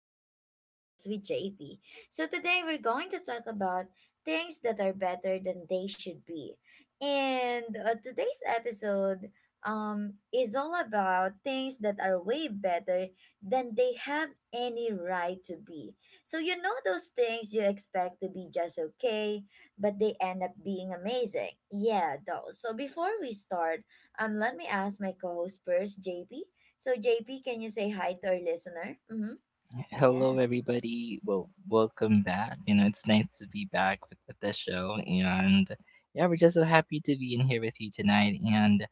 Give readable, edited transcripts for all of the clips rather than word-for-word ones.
to another podcast with JP. So today we're going to talk about things that are better than they should be. And today's episode is all about things that are way better than they have any right to be. So you know those things you expect to be just okay, but they end up being amazing. Yeah, those. So before we start, let me ask my co-host first, JP. So JP, can you say hi to our listener? Mm-hmm. Hello, Yes. everybody. Well, welcome back. You know, it's nice to be back with the show. And yeah, we're just so happy to be in here with you tonight. And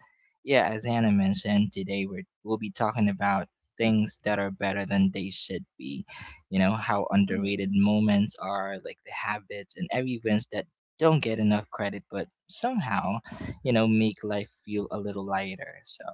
yeah, as Anna mentioned, we'll be talking about things that are better than they should be. You know, how underrated Mm-hmm. moments are, like the habits and every wins that don't get enough credit, but somehow, you know, make life feel a little lighter. So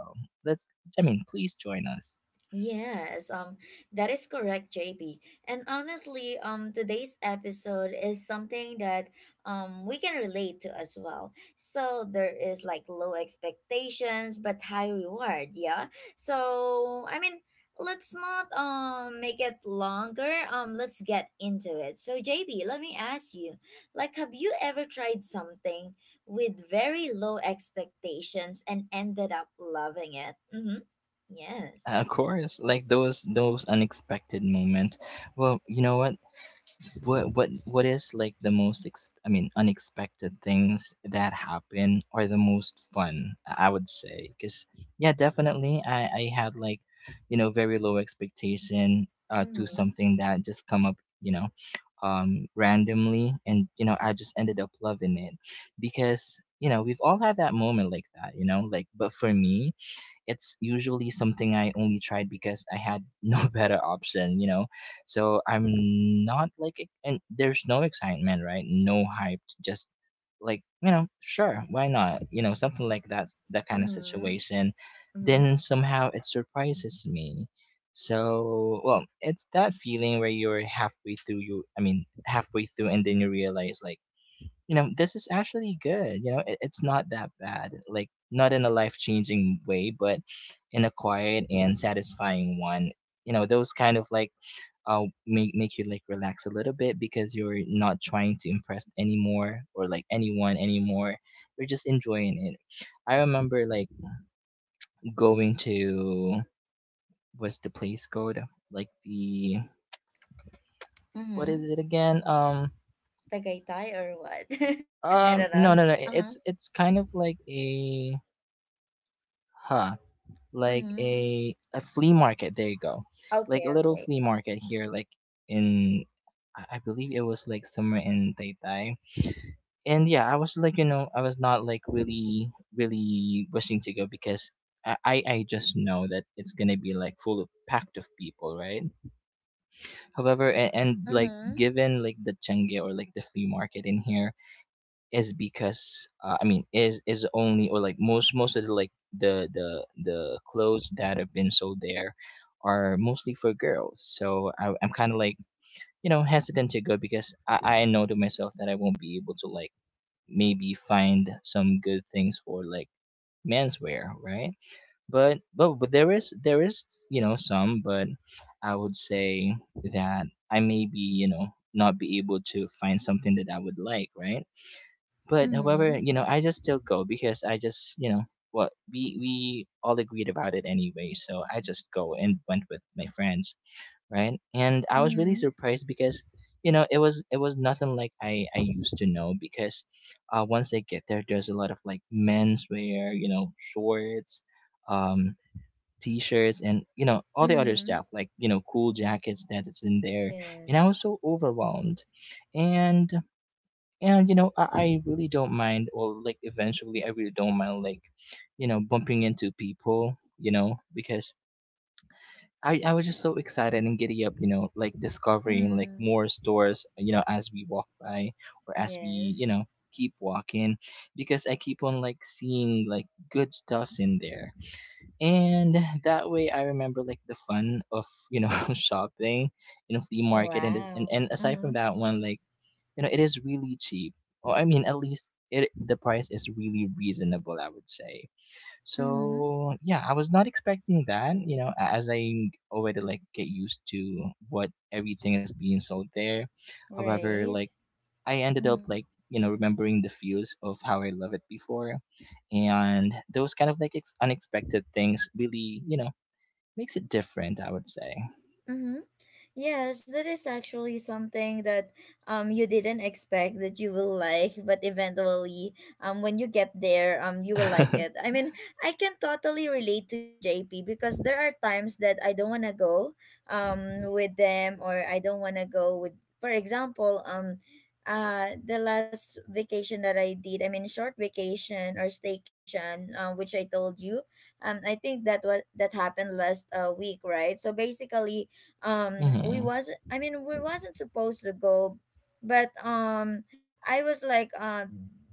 let's, I mean, please join us. Yes, that is correct, JB. And honestly, today's episode is something that we can relate to as well. So there is like low expectations but high reward, yeah. So I mean, let's not make it longer. Let's get into it. So JB, let me ask you, like, have you ever tried something with very low expectations and ended up loving it? Mm-hmm. Yes. Of course, like those unexpected moment. Well, you know what? What is like the I mean unexpected things that happen are the most fun, I would say. Cuz yeah, definitely I had like, you know, very low expectation to Mhm, something that just come up, you know, randomly and you know, I just ended up loving it because you know, we've all had that moment like that, you know, like but for me, it's usually something I only tried because I had no better option, you know. So I'm not like, ex- and there's no excitement, right? No hype, just like you know, sure, why not? You know, something like that, that kind of mhm, situation. mhm, Then somehow it surprises me. So, well, it's that feeling where you're halfway through you I mean, halfway through and then you realize like you know, this is actually good. You know, it's not that bad. Like, not in a life changing way, but in a quiet and satisfying one. You know, those kind of like make you like relax a little bit because you're not trying to impress anymore or like anyone anymore. You're just enjoying it. I remember like going to what's the place called? Like the what mhm. is it again? Tagaytay or what? I don't No know. no no it- Uh-huh. It's kind of like a huh like Mhm. a flea market. There you go, Okay, like a okay. little flea market here, like in I believe it was like somewhere in Taytay. And yeah, I was like you know I was not like really wishing to go because I just know that it's gonna be like full of packed of people, right? However, and like Mhm, given like the Chengge or like the flea market in here is because I mean is only or like most of the like the clothes that have been sold there are mostly for girls. So I'm kind of like you know hesitant to go because I know to myself that I won't be able to like maybe find some good things for like menswear, right? But there is you know some, but I would say that I may be you know not be able to find something that I would like, right? But however, mhm, you know, I just still go because I just, you know, what we all agreed about it anyway, so I just go and went with my friends, right? And I was really mhm, surprised because you know it was nothing like I used to know because once I get there, there's a lot of like menswear, you know, shorts, um t-shirts and you know all the other mhm. stuff like you know cool jackets that is in there and I Yes. was so overwhelmed and and you know I really don't mind or like eventually I really don't mind like you know bumping into people you know because I was just so excited and giddy up you know like discovering like Mm, more stores you know as we walk by or as we you yes. know keep walking because I keep on like seeing like good stuffs in there and that way I remember like the fun of you know shopping in a flea market and, and Wow. and aside from Mhm, that one like you know it is really cheap or I mean at least it the price is really reasonable I would say mhm. so yeah I was not expecting that you know as I already like get used to what everything is being sold there however like Right. I ended up Mhm, like you know remembering the feels of how I loved it before and those kind of like unexpected things really you know makes it different I would say mhm. Yes, that is actually something that you didn't expect that you will like, but eventually when you get there you will like it. I mean, I can totally relate to you, JP, because there are times that I don't wanna go with them, or I don't wanna go with, for example, the last vacation that I did, I mean short vacation or staycation, which I told you. I think that what that happened last week, right? So basically hmm we wasn't supposed to go, but I was like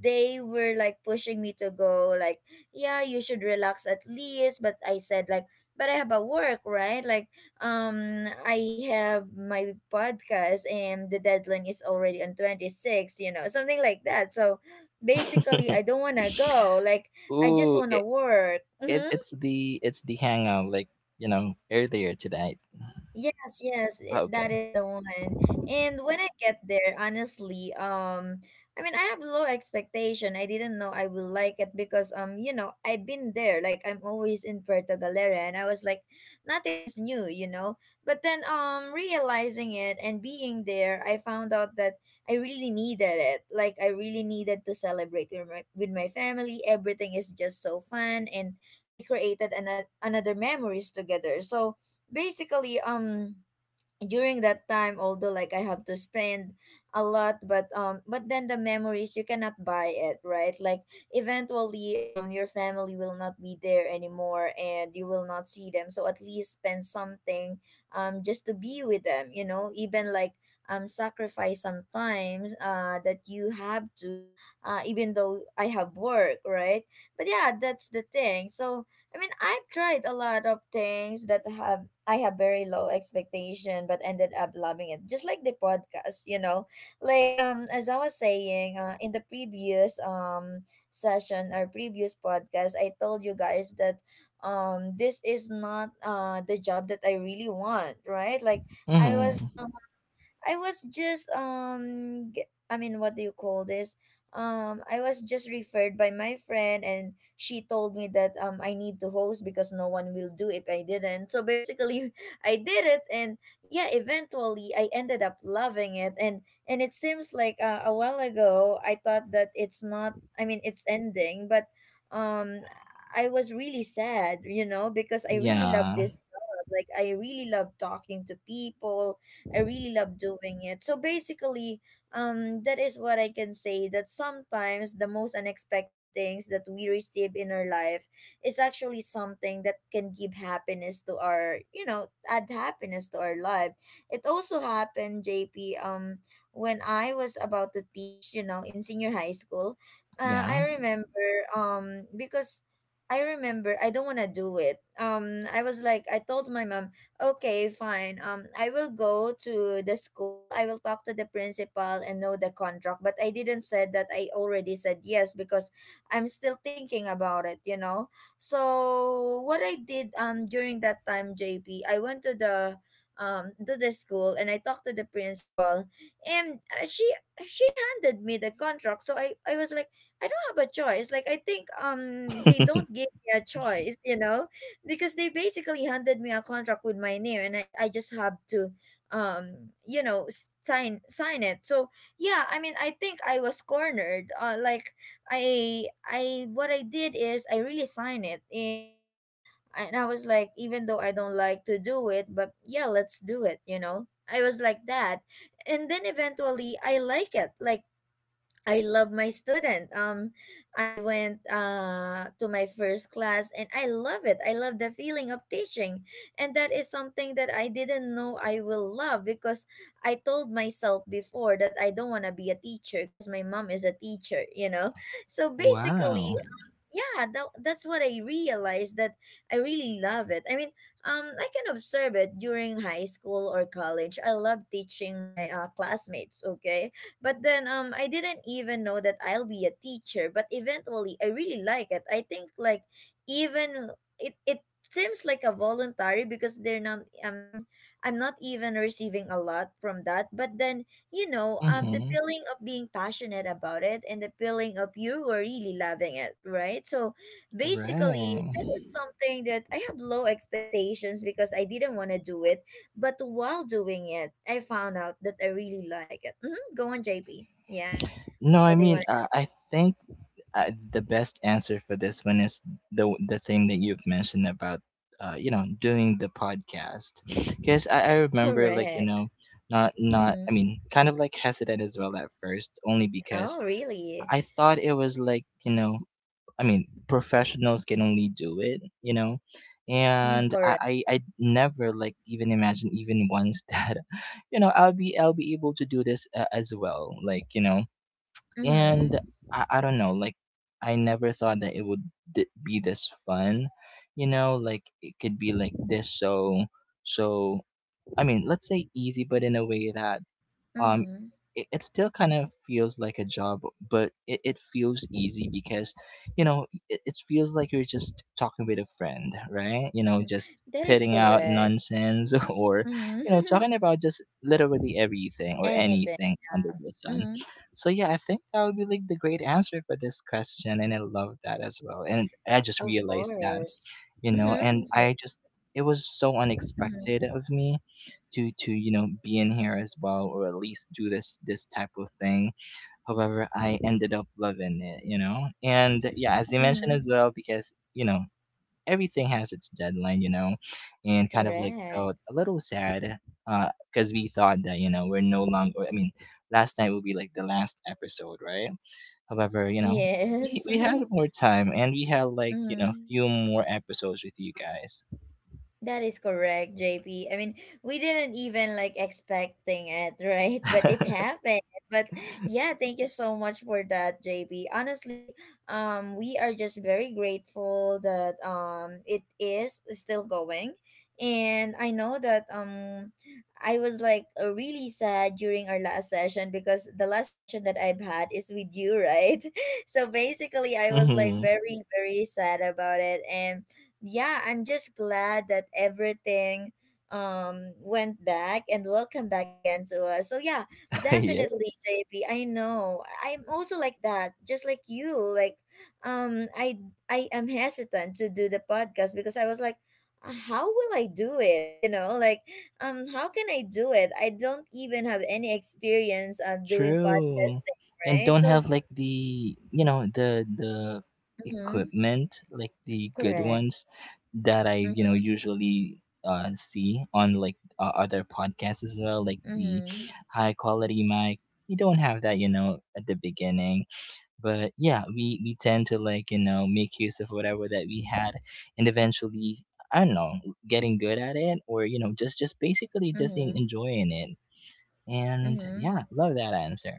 they were like pushing me to go, like, yeah, you should relax at least, but I said, like, but I have a work, right? Like I have my podcast and the deadline is already on 26, you know, something like that, so basically I don't want to go, like I just Ooh, want to i- work. It it's the it's the hangout like you know earlier tonight. Yes, yes, that Okay. is the one. And when I get there, honestly, I mean, I have low expectation. I didn't know I will like it because, you know, I've been there. Like, I'm always in Puerto Galera, and I was like, nothing is new, you know. But then, realizing it and being there, I found out that I really needed it. Like, I really needed to celebrate with my family. Everything is just so fun, and we created an another memories together. So basically during that time, although like I have to spend a lot, but then the memories, you cannot buy it, right? Like, eventually your family will not be there anymore and you will not see them, so at least spend something just to be with them, you know, even like sacrifice sometimes that you have to, even though I have work, right? But yeah, that's the thing. So I mean, I've tried a lot of things that have I have very low expectation, but ended up loving it. Just like the podcast, you know, like as I was saying, in the previous session or previous podcast, I told you guys that this is not the job that I really want, right? Like, I was Mm-hmm. I was just what do you call this? I was just referred by my friend, and she told me that I need to host because no one will do if I didn't. So basically I did it, and yeah, eventually I ended up loving it. And it seems like a while ago I thought that it's not I mean it's ending, but um I was really sad, you know, because I really love Yeah. this job. Like, I really love talking to people, I really love doing it. So basically, that is what I can say, that sometimes the most unexpected things that we receive in our life is actually something that can give happiness to our, you know, add happiness to our life. It also happened, JP, when I was about to teach, you know, in senior high school. I Yeah. remember, because I remember I don't want to do it. I was like, I told my mom, okay, fine. I will go to the school, I will talk to the principal and know the contract. But I didn't said that I already said yes, because I'm still thinking about it, you know. So what I did during that time, JP, I went to the school, and I talked to the principal, and she handed me the contract. So I was like, I don't have a choice. Like, I think they don't give me a choice, you know, because they basically handed me a contract with my name, and I just have to you know sign it. So yeah, I mean I think I was cornered, like, I what I did is I really signed it. And I was like, even though I don't like to do it, but yeah, let's do it, you know. I was like that, and then eventually I like it, like, I love my student. I went to my first class and I love it. I love the feeling of teaching. And that is something that I didn't know I will love, because I told myself before that I don't want to be a teacher because my mom is a teacher, you know? So basically, Wow. yeah, that's what I realized, that I really love it. I mean, I can observe it during high school or college, I love teaching my classmates, okay? But then I didn't even know that I'll be a teacher, but eventually I really like it. I think, like, even it seems like a voluntary because they're not, i mean I'm not even receiving a lot from that. But then, you know, the Mm-hmm. feeling of being passionate about it and the feeling of you were really loving it, right? So basically, that is Right. something that I have low expectations because I didn't want to do it. But while doing it, I found out that I really like it. Hmm. Go on, JP. Yeah. No, What I they mean, want. I think the best answer for this one is the thing that you've mentioned about, you know, doing the podcast. Because I remember, like, you Correct. know, not not I Mm-hmm. mean, kind of like hesitant as well at first, only Oh, because really? I thought it was like you know I mean, professionals can only do it, you know. Mm, And correct. I never like even imagine even once that, you know, I'll be able to do this as well, like you know. Mm-hmm. And I don't know, like I never thought that it would be this fun, you know. Like it could be like this so. I mean, let's say easy, but in a way that um Mm-hmm. It still kind of feels like a job but it feels easy because you know it feels like you're just talking with a friend right you know Hmm. just That is pitting out correct. nonsense or you know Mm-hmm. talking about just literally everything or Anything. anything under the sun Mm-hmm. so yeah I think that would be like the great answer for this question and I love that as well and I just Of realized that course. you know and Mm-hmm. I just it was so Mm-hmm. unexpected of me to you know be in here as well or at least do this type of thing however I ended up loving it you know and yeah as you mentioned Mm-hmm. as well because you know everything has its deadline you know and kind of like Correct. felt a little sad because we thought that you know we're no longer I mean last night will be like the last episode right. However, you know, Yes. we had more time and we had like, you know, Mm-hmm. few more episodes with you guys. That is correct, JP. I mean, we didn't even like expecting it, right? But it happened. But yeah, thank you so much for that, JP. Honestly, we are just very grateful that it is still going. And I know that I was like, really sad during our last session, because the last session that I've had is with you, right? So basically I was like hmm very, very sad about it. And yeah, I'm just glad that everything went back, and welcome back again to us. So yeah, yeah, definitely JP. I know. I'm also like that, just like you. Like um I I am hesitant to do the podcast because I was like, how will I do it? You know, like how can I do it? I don't even have any experience on doing true. podcasting, And right? don't So, have like the, you know, the mhm, equipment, like the good correct. ones that I, you Mhm. know, usually see on like other podcasts as well, like the Mhm. high quality mic. You don't have that, you know, at the beginning. But yeah we tend to like you know make use of whatever that we had and eventually I don't know getting good at it or you know just basically just Mhm. enjoying it and Mhm. yeah love that answer.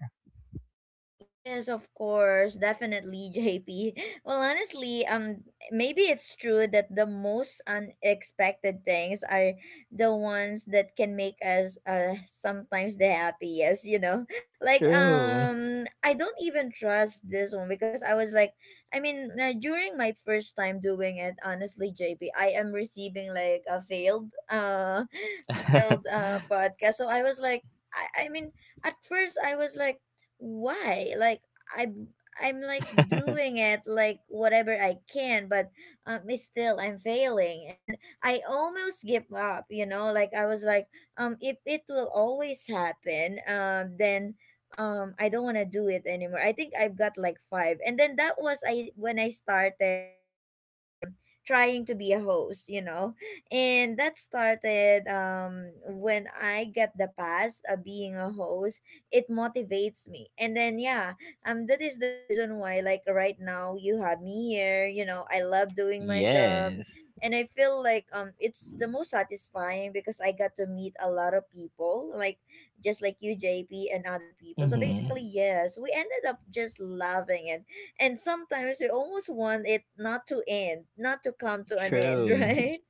Yes, of course, definitely, JP. Well, honestly, maybe it's true that the most unexpected things are the ones that can make us sometimes the happiest, you know. Like, True. I don't even trust this one because I was like, I mean, during my first time doing it, honestly, JP, I am receiving like a failed failed podcast. So I was like, I I mean, at first I was like, why, like, i'm I'm like doing it like whatever I can, but it's still I'm failing. And I almost give up, you know. Like, I was like, if it will always happen, then I don't want to do it anymore. I think I've got like five, and then that was I when I started going, trying to be a host, you know. And that started when I got the pass of being a host, it motivates me. And then yeah, that is the reason why, like, right now you have me here, you know. I love doing my job, Yes. and I feel like it's the most satisfying, because I got to meet a lot of people, like just like you, JP, and other people. So basically, Mm-hmm. yes, we ended up just loving it. And sometimes we almost want it not to end, not to come to an end, True. right?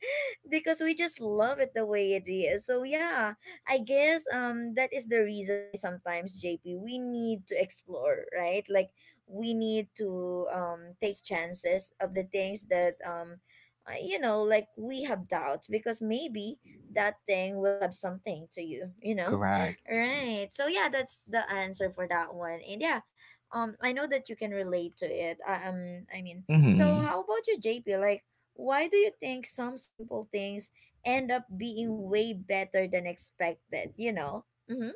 Because we just love it the way it is. So yeah, I guess that is the reason why sometimes JP we need to explore, right? Like we need to take chances of the things that like we have doubts because maybe that thing will have something to you, you know? Correct. Right. So yeah, that's the answer for that one. And yeah, I know that you can relate to it. So Mm-hmm. how about you JP? Like why do you think some simple things end up being way better than expected? Mm-hmm.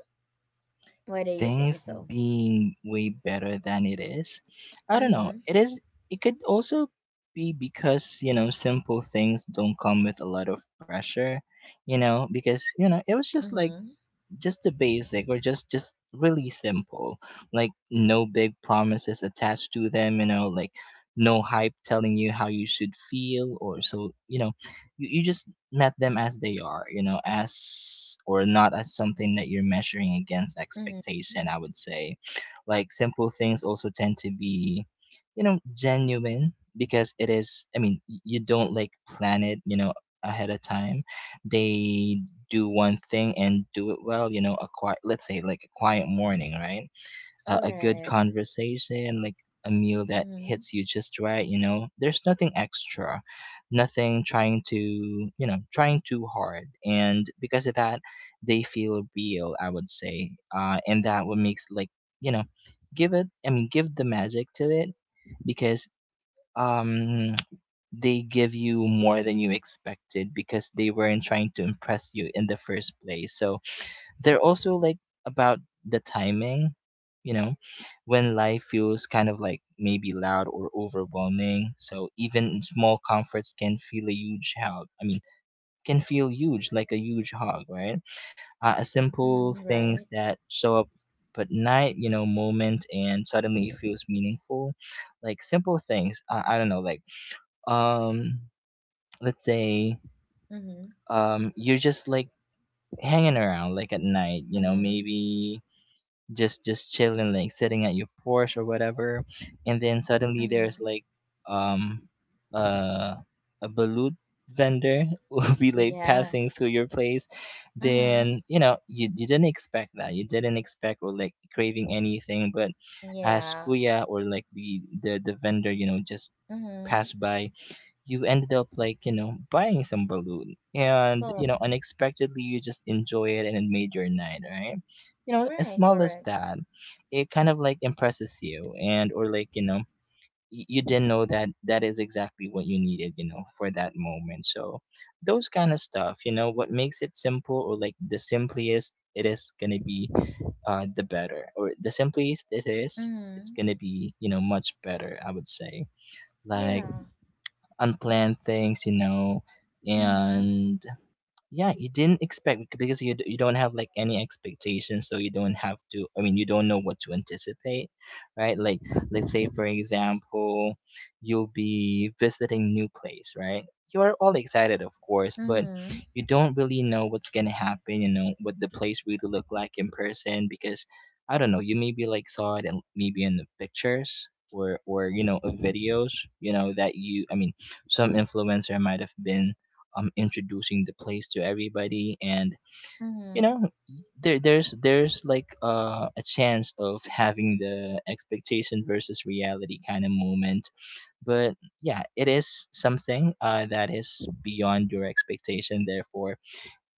Why do you think Things so? being way better than it is. I don't know. Mm-hmm. It is it could also be because, you know, simple things don't come with a lot of pressure, you know, because, you know, it was just like Mm-hmm. just the basic or just really simple like no big promises attached to them you know like no hype telling you how you should feel or so you know you just met them as they are you know as or not as something that you're measuring against Mm-hmm. expectation I would say like simple things also tend to be you know genuine because it is I mean you don't like plan it you know ahead of time they do one thing and do it well you know a quiet let's say like a quiet morning right, a good Correct. conversation like a meal that Mm-hmm. hits you just right you know there's nothing extra nothing trying to you know trying too hard and because of that they feel real I would say and that what makes like you know give it I mean give the magic to it because um they give you more than you expected because they weren't trying to impress you in the first place. So they're also like about the timing, you know, when life feels kind of like maybe loud or overwhelming. So even small comforts can feel a huge hug. I mean, can feel huge, like a huge hug, right? Simple Mm-hmm. things Right. that show up but night, you know, moment and suddenly it feels meaningful. Like simple things. I don't know, like um let's say Mm-hmm. You're just like hanging around, like at night, you know, Mm-hmm. maybe just chilling, like sitting at your porch or whatever. And then suddenly there's Mm-hmm. like um uh, a balut vendor will be like Yeah. passing through your place. Mm-hmm. Then, you know, you didn't expect that. You didn't expect or like craving anything, but as Yeah. kuya, or like the vendor, you know, just Mm-hmm. passed by. You ended up, like, you know, buying some balloon, and you Correct. know, unexpectedly, you just enjoy it and it made your night, right? You know, as Right, small as correct. that, it kind of like impresses you, and or like, you know, you didn't know that that is exactly what you needed, you know, for that moment. So those kind of stuff, you know, what makes it simple, or like the simplest it is gonna be, the better, or the simplest it is, it's Mm-hmm. gonna be, you know, much better, I would say. Like Yeah. unplanned things, you know, Mm-hmm. and yeah, you didn't expect because you you don't have like any expectations, so you don't have to. I mean, you don't know what to anticipate, right? Like, let's say for example, you'll be visiting new place, right? You are all excited, of course, but Mm-hmm. you don't really know what's gonna happen. You know what the place really look like in person, because I don't know. You maybe like saw it in, maybe in the pictures, or you know, of videos. You know that you. I mean, some influencer might have been introducing the place to everybody, and you Mm-hmm. know, there's like a chance of having the expectation versus reality kind of moment, but yeah, it is something that is beyond your expectation, therefore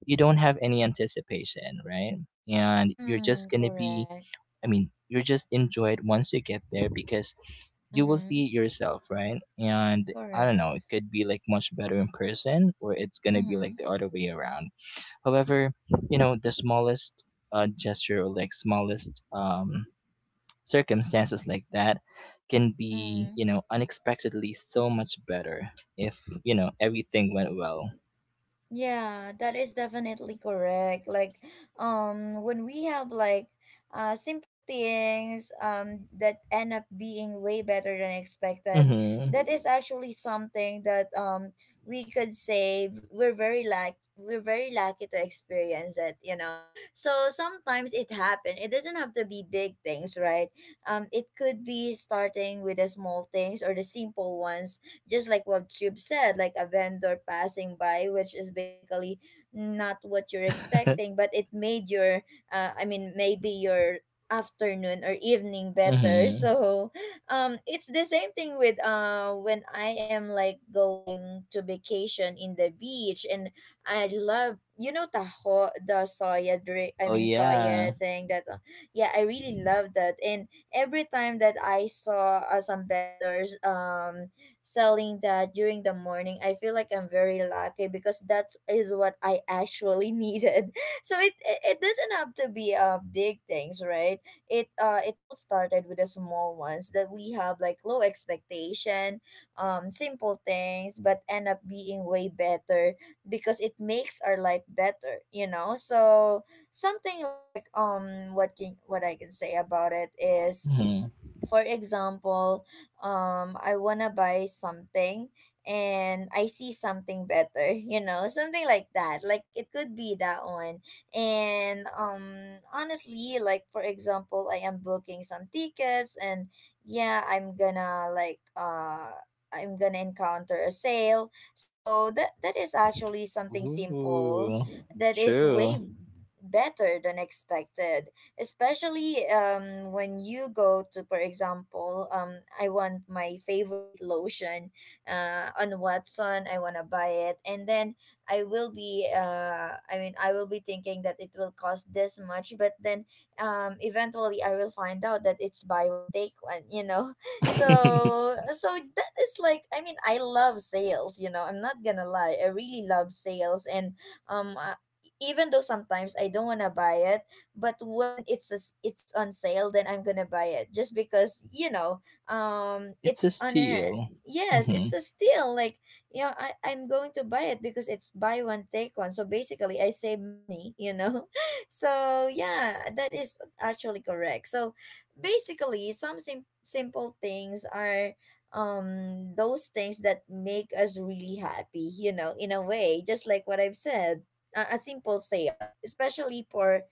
you don't have any anticipation, right? And you're just Mm, going to be, correct. I mean, you just enjoy it once you get there, because you will Mm-hmm. see it yourself, right? And I don't know, it Correct. could be like much better in person, or it's gonna be Mm-hmm. like the other way around. However, you know, the smallest gesture, or like smallest, circumstances like that can be, Mm-hmm. you know, unexpectedly so much better if, you know, everything went well. Yeah, that is definitely correct. Like, when we have like simple things that end up being way better than expected, Mm-hmm. that is actually something that we could say we're very lucky to experience it, you know. So sometimes it happens. It doesn't have to be big things, right? It could be starting with the small things or the simple ones just like what Tube said, like a vendor passing by, which is basically not what you're expecting, but it made maybe your afternoon or evening better. Mm-hmm. So, it's the same thing with when I am like going to vacation in the beach, and I love you know the soya drink. I Oh mean soya yeah. thing that yeah, I really love that, and every time that I saw some vendors selling that during the morning, I feel like I'm very lucky because that is what I actually needed. So it doesn't have to be big things, right? It all started with the small ones that we have like low expectation, simple things, but end up being way better because it makes our life better, you know. So something like what I can say about it is, Mm-hmm. for example, I wanna buy something and I see something better, you know, something like that. Like it could be that one. And honestly, like for example, I am booking some tickets and yeah, I'm gonna encounter a sale. So that is actually something simple Ooh, that is true. way better than expected, especially when you go to, for example, I want my favorite lotion on Watson. I want to buy it, and then I will be I will be thinking that it will cost this much, but then eventually I will find out that it's buy one take one, you know. so so that is like, I mean, I love sales, you know, I'm not gonna lie, I really love sales. And um uh, even though sometimes I don't want to buy it, but when it's on sale, then I'm gonna buy it just because, you know, It's a it's on a— steal. yes, it's Mm. a steal. Like, you know, I'm going to buy it because it's buy one take one, so basically I save money, you know. So yeah, that is actually correct. So basically some simple things are those things that make us really happy, you know, in a way, just like what I've said. A simple sale, especially for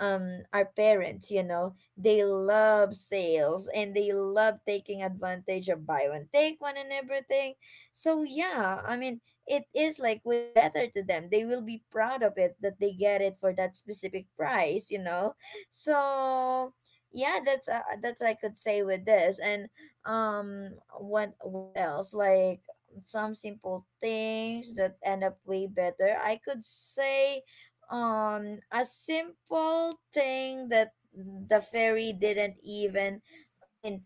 our parents, you know, they love sales and they love taking advantage of buy one take one and everything. So yeah, I mean, it is like way better to them. They will be proud of it that they get it for that specific price, you know. So yeah, that's, I could say, with this. And um what else, like some simple things that end up way better, I could say, a simple thing that the fairy didn't even— I mean,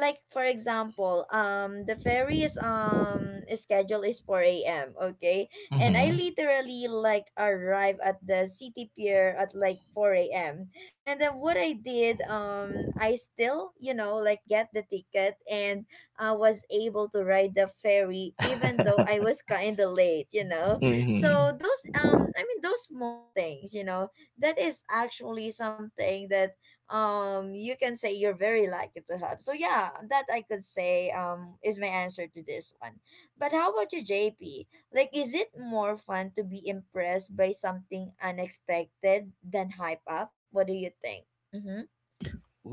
like, for example, the ferry's schedule is 4 a.m., okay, Mhm, and mm I mhm. literally like arrive at the city pier at like 4 a.m. And then what I did, I still, you know, like get the ticket, and I was able to ride the ferry even though I was kind of late, you Mm. know. So Mhm. those, I mean, those small things, you know, that is actually something that you can say you're very lucky to have. So yeah, that I could say, is my answer to this one. But how about you, JP? Like, is it more fun to be impressed by something unexpected than hype up? What do you think? Mm-hmm.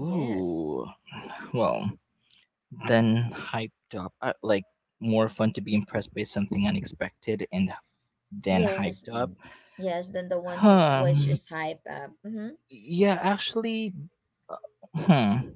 Yes. Well, then hyped up, like more fun to be impressed by something unexpected and then yes hyped up. n- yes, than the one who which Um, is hype up. Mm-hmm. yeah, actually, uh, hmm.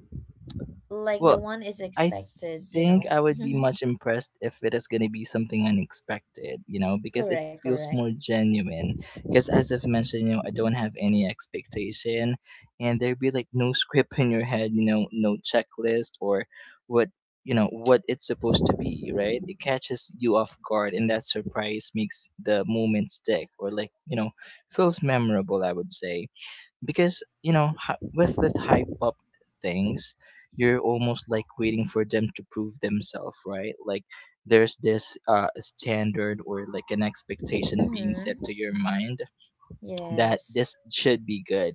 Like the Well, one is I expected, you think know. I would be Mm-hmm. much impressed if it is going to be something unexpected, you know, because it Correct, feels correct. more genuine. Because, as I've mentioned, you know, I don't have any expectation, and there'd be like no script in your head, you know, no checklist or what, you know, what it's supposed to be, right? It catches you off guard, and that surprise makes the moment stick, or like, you know, feels memorable, I would say. Because, you know, with hype up things, you're almost like waiting for them to prove themselves, right? Like, there's this standard, or like an expectation being set Mm-hmm. to your mind that Yes. this should be good,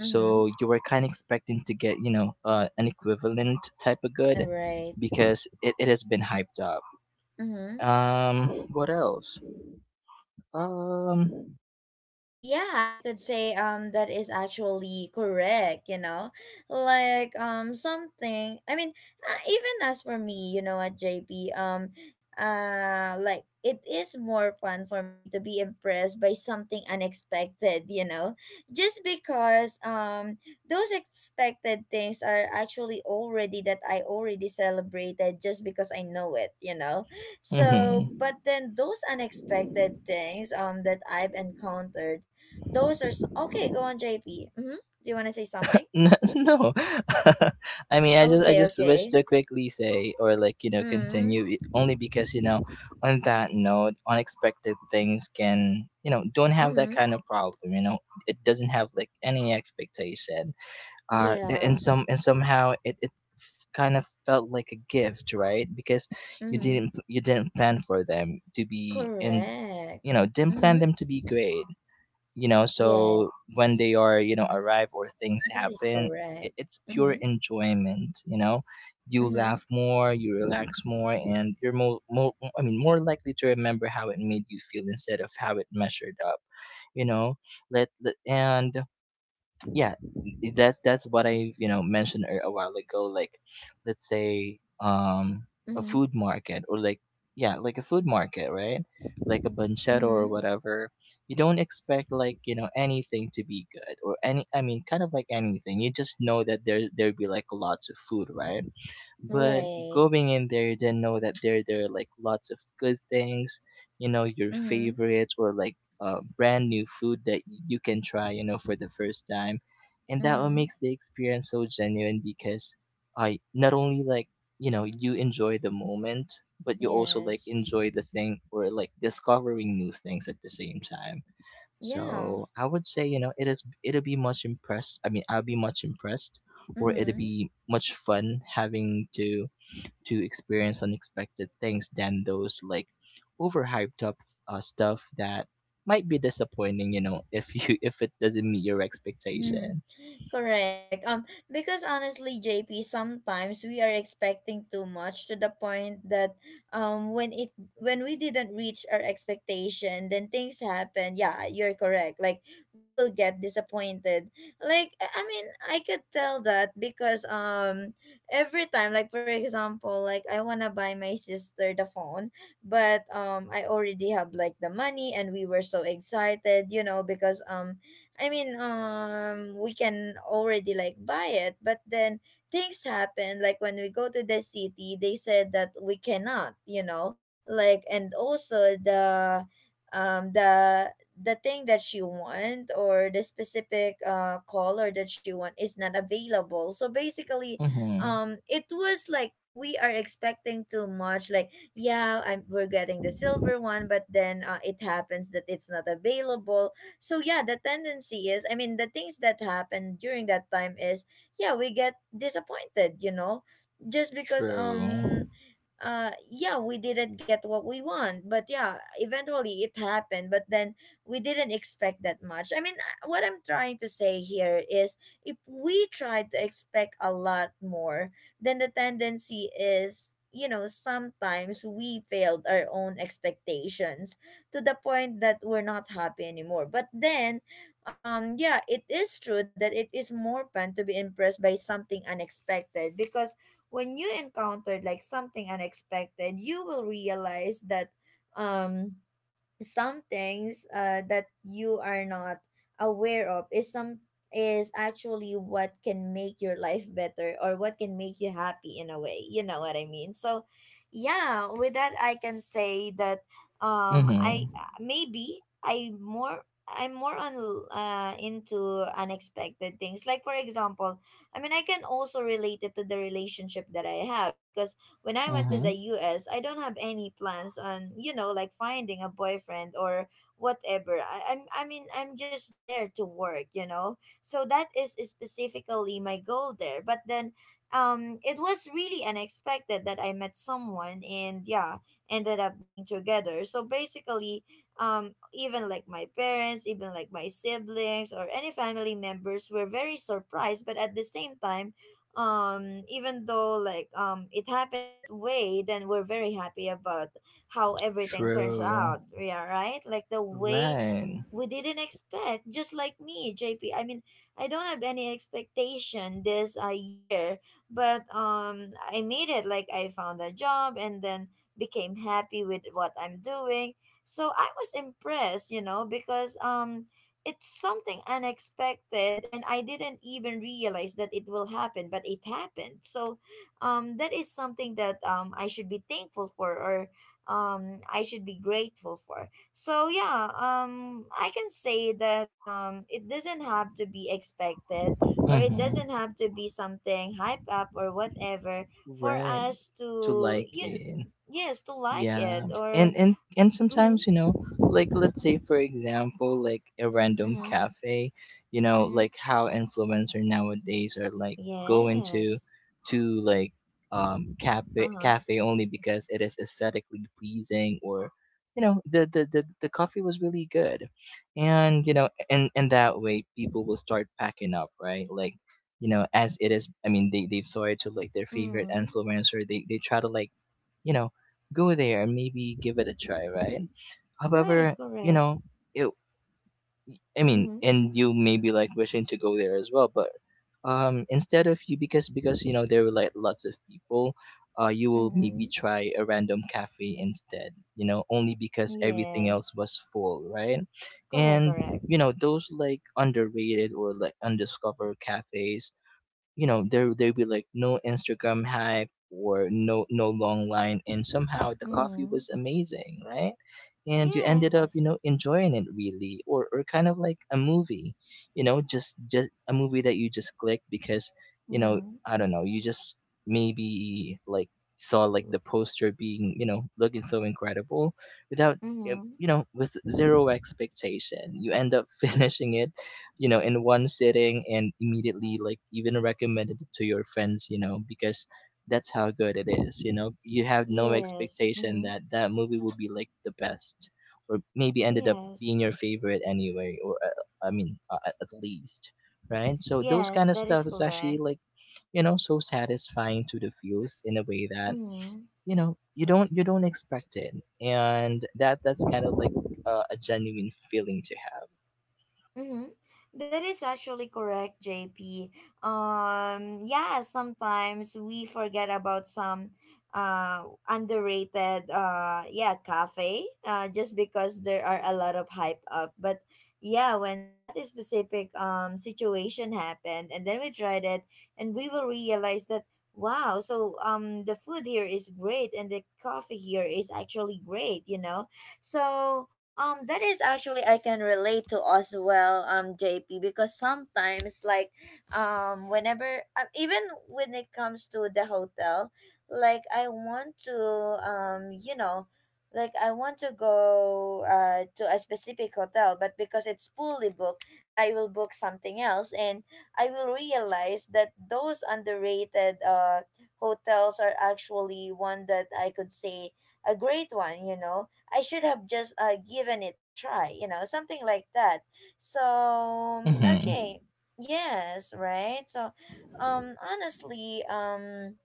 Mm-hmm. you were kind of expecting to get, you know, an equivalent type of All good, right. because it has been hyped up. Mm-hmm. What else? um Yeah, I could say that is actually correct, you know. Like even as for me, you know, what JP, like it is more fun for me to be impressed by something unexpected, you know. Just because those expected things are actually already that I already celebrated just because I know it, you know. So, mhm. but then those unexpected things that I've encountered, those are so— okay, go on, JP. Mm-hmm. Do you want to say something? No. I mean, i just i Okay, just wish okay. to quickly say, or like, you know, Mm-hmm. continue it only because, you know, on that note, unexpected things can, you know, don't have that Mm-hmm. kind of problem, you know. It doesn't have like any expectation, and Yeah. some and somehow it kind of felt like a gift, right? Because you Mm-hmm. didn't plan for them to be, and, Correct. you know, didn't plan Mm-hmm. them to be great, you know. So when Yes. they are, you know, arrive or things That is happen, i- correct. it's pure Mm-hmm. enjoyment, you know. You Mm-hmm. laugh more, you relax more, and you're more I mean, more likely to remember how it made you feel instead of how it measured up, you know. Let, let and yeah that's what I, you know, mentioned a while ago. Like, let's say a Mm-hmm. food market, or like, yeah, like a food market, right? Like a banchero or Mm-hmm. whatever. You don't expect like, you know, anything to be good, or any, I mean, kind of like anything, you just know that there'd be like lots of food, right? But Right. going in there, you didn't know that there are like lots of good things, you know, your Mm-hmm. favorites or like brand new food that you can try, you know, for the first time. And that what Mm-hmm. makes the experience so genuine, because I not only like, you know, you enjoy the moment, but you also like Yes. enjoy the thing, or like discovering new things at the same time. Yeah. So I would say, you know, it'll be much impressed, I mean, I'll be much impressed, or it'll Mm-hmm. be much fun having to experience unexpected things than those like overhyped up stuff that might be disappointing, you know, if you if it doesn't meet your Mm-hmm. expectation. Correct. Because honestly, JP, sometimes we are expecting too much, to the point that when we didn't reach our expectation, then things happen. Yeah, you're correct. Like, we will get disappointed. Like I mean, I could tell that because every time, like for example, like I wanna buy my sister the phone, but I already have like the money, and we were so excited, you know, because we can already like buy it, but then things happen. Like when we go to the city, they said that we cannot, you know, like— and also the thing that she want, or the specific color that she want is not available. So basically, Mhm. It was like we are expecting too much. Like, yeah, we're getting the silver one, but then it happens that it's not available. So yeah, the tendency is, I mean, the things that happen during that time is, yeah, we get disappointed, you know, just because True. Yeah, we didn't get what we want. But yeah, eventually it happened, but then we didn't expect that much. I mean, what I'm trying to say here is, if we try to expect a lot more, then the tendency is, you know, sometimes we failed our own expectations to the point that we're not happy anymore. But then, yeah, it is true that it is more fun to be impressed by something unexpected, because when you encounter like something unexpected, you will realize that um some things that you are not aware of is actually what can make your life better, or what can make you happy in a way, you know what I mean. So yeah, with that, I can say that um i Mhm. I'm more on into unexpected things. Like, for example, I mean, I can also relate it to the relationship that I have, because when I went to the Mhm. US, I don't have any plans on, you know, like finding a boyfriend or whatever. I, I'm I mean I'm just there to work, you know. So that is specifically my goal there. But then it was really unexpected that I met someone, and yeah, ended up being together. So basically, even like my parents, even like my siblings or any family members were very surprised, but at the same time even though like it happened that way, then we're very happy about how everything turns True. out. Yeah, right, like the way Right. we didn't expect, just like me, JP. I don't have any expectation this year, but I made it, like I found a job and then became happy with what I'm doing. So I was impressed, you know, because it's something unexpected and I didn't even realize that it will happen, but it happened. So that is something that I should be thankful for, or I should be grateful for. So yeah, I can say that it doesn't have to be expected, or it Mhm. doesn't have to be something hype up or whatever for Right. us To to like it. yes, to like it. Yeah, Or and mm-hmm, sometimes, you know, like, let's say for example, like a random mm-hmm, cafe, you know, mm-hmm, like how influencer nowadays are like going to yes, to like uh cafe huh, cafe only because it is aesthetically pleasing, or you know the coffee was really good, and, you know, and that way people will start packing up, right? Like, you know, as it is, I mean, they saw it to like their favorite mm-hmm, influencer, they try to like, you know, go there and maybe give it a try, right? right, However, you correct, know, it, I mean, mm-hmm, and you may be like wishing to go there as well, but instead of you, because you know there were like lots of people, you will mm-hmm, maybe try a random cafe instead. You know, only because everything else yes, was full, right? correct, And correct, you know those like underrated or like undiscovered cafes, you know, there be like no Instagram hype, or no long line, and somehow the coffee mm-hmm, was amazing, right? And you ended up, you yes, know, enjoying it really, or kind of like a movie, you know, just a movie that you just clicked because, you know, mm-hmm, I don't know, you just maybe like saw like the poster being, you know, looking so incredible, without mm-hmm, you know, with zero expectation, you end up finishing it, you know, in one sitting and immediately like even recommended it to your friends, you know, because that's how good it is, you know, you have no yes, expectation mm-hmm, that that movie will be like the best, or maybe ended up yes. being your favorite anyway, or I mean, at least, right? So those Yes, kind of that is stuff is actually correct. like, you know, so satisfying to the feels, in a way that, Mm-hmm. you know, you don't expect it. And that's kind of like a genuine feeling to Mm-hmm. That is actually correct, JP. Yeah, sometimes we forget about some underrated yeah cafe just because there are a lot of hype up. But yeah, when that is specific situation happened and then we tried it, and we will realize that wow, so the food here is great and the coffee here is actually great, you know. So that is actually I can relate to as well, JP, because sometimes like, whenever even when it comes to the hotel, like I want to, um, you know, like I want to go to a specific hotel, but because it's fully booked, I will book something else, and I will realize that those underrated hotels are actually one that I could say a great one, you know. I should have just given it a try, you know, something like that. So, have. Hmm. okay. Yes, right? So, honestly,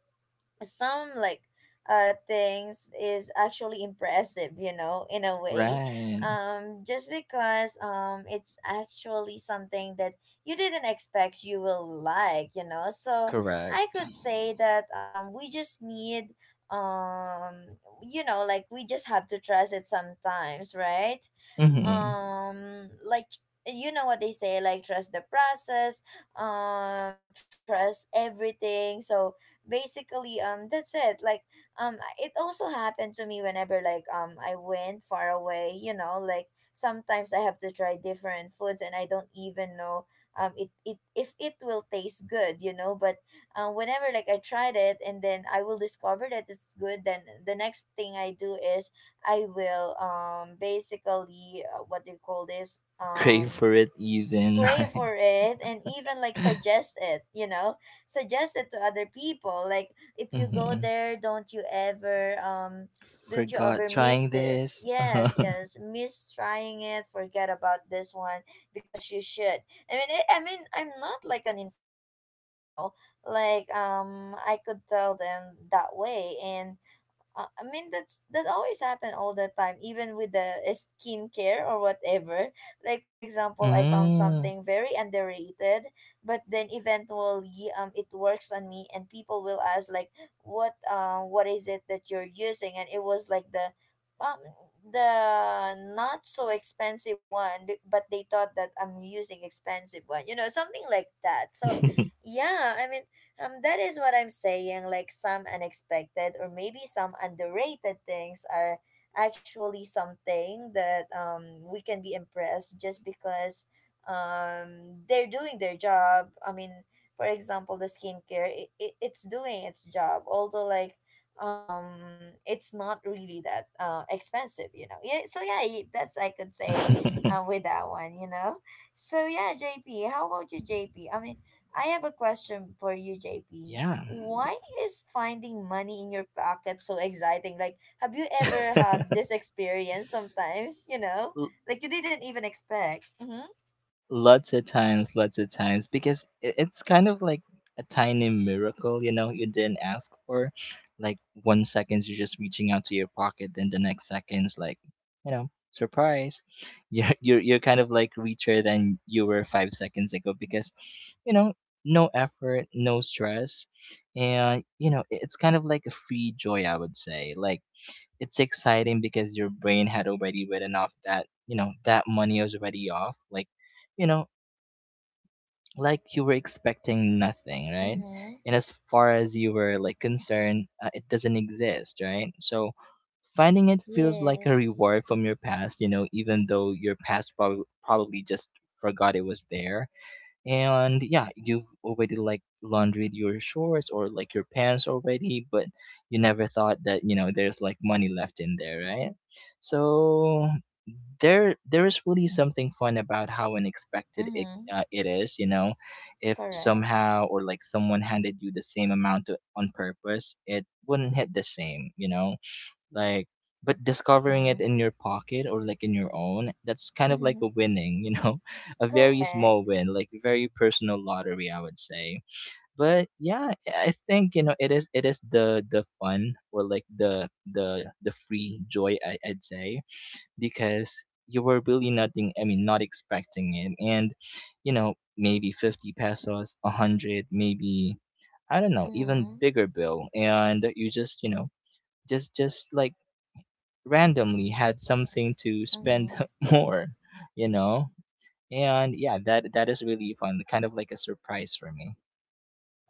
some like things is actually impressive, you know, in a way, Right. Just because it's actually something that you didn't expect you will like, you know. So I Correct. could say that we just need um you know, like we just have to trust it sometimes, right? Hmm. Like, you know what they say, like trust the process, trust everything. So basically that's it. Like it also happened to me whenever like I went far away, you know, like sometimes I have to try different foods and I don't even know it, it if it will taste good, you know. But whenever like I tried it and then I will discover that it's good, then the next thing I do is I will basically what do you call this, Crave for it even, crave right? for it and even like suggest it, you know, suggest it to other people. Like if you go Hmm. there, don't you Forgot ever miss trying this, this. yes, yes, miss trying it, forget about this one. Because you should. I mean it, i mean i'm not like an influencer, but you know, like I could tell them that way. And I mean that's that always happen all the time, even with the skincare or whatever. Like for example, I found Mm. something very underrated, but then eventually it works on me, and people will ask like, what is it that you're using? And it was like um the not so expensive one but they thought that I'm using expensive one, you know, something like that. So yeah, I mean, that is what I'm saying. Like some unexpected or maybe some underrated things are actually something that we can be impressed, just because they're doing their job. I mean, for example, the skincare it's doing its job. Although like it's not really that expensive, you know. Yeah, so yeah, that's I could say with that one, you know. So yeah, JP, how about you, JP. I mean I have a question for you, JP. Yeah. Why is finding money in your pocket so exciting? Like, have you ever had this experience sometimes, you know? L- Like, you didn't even expect. Mm-hmm. Lots of times, lots of times, because it's kind of like a tiny miracle, you know, you didn't ask for. Like, 1 seconds you're just reaching out to your pocket, then the next seconds, like, you know, surprise, you're kind of like richer than you were 5 seconds ago, because, you know, no effort, no stress, and, you know, it's kind of like a free joy, I would say, like. It's exciting because your brain had already written off that, you know, that money was already off. Like, you know, like you were expecting nothing, right? Mm-hmm. And as far as you were like concerned, it doesn't exist, right? So finding it feels like a Yes. reward from your past, you know, even though your past probably just forgot it was there. And yeah, you've already like laundered your shorts, or like your pants already, but you never thought that, you know, there's like money left in there, right? So there is really something fun about how unexpected Mm-hmm. It is, you know. If Correct. somehow, or like someone handed you the same amount to, on purpose, it wouldn't hit the same, you know. Like, but discovering it Mm-hmm. in your pocket or like in your own, that's kind of like a winning, you know, a very Correct. small win, like very personal lottery, I would say. But yeah, I think, you know, it is the fun, or like the free joy, I'd say, because you were really nothing. I mean, not expecting it, and you know, maybe 50 pesos, 100, maybe, I don't know, even Mm-hmm. bigger bill, and you just, you know, just like randomly had something to spend Mm-hmm. more, you know? And yeah, that is really fun, kind of like a surprise for me.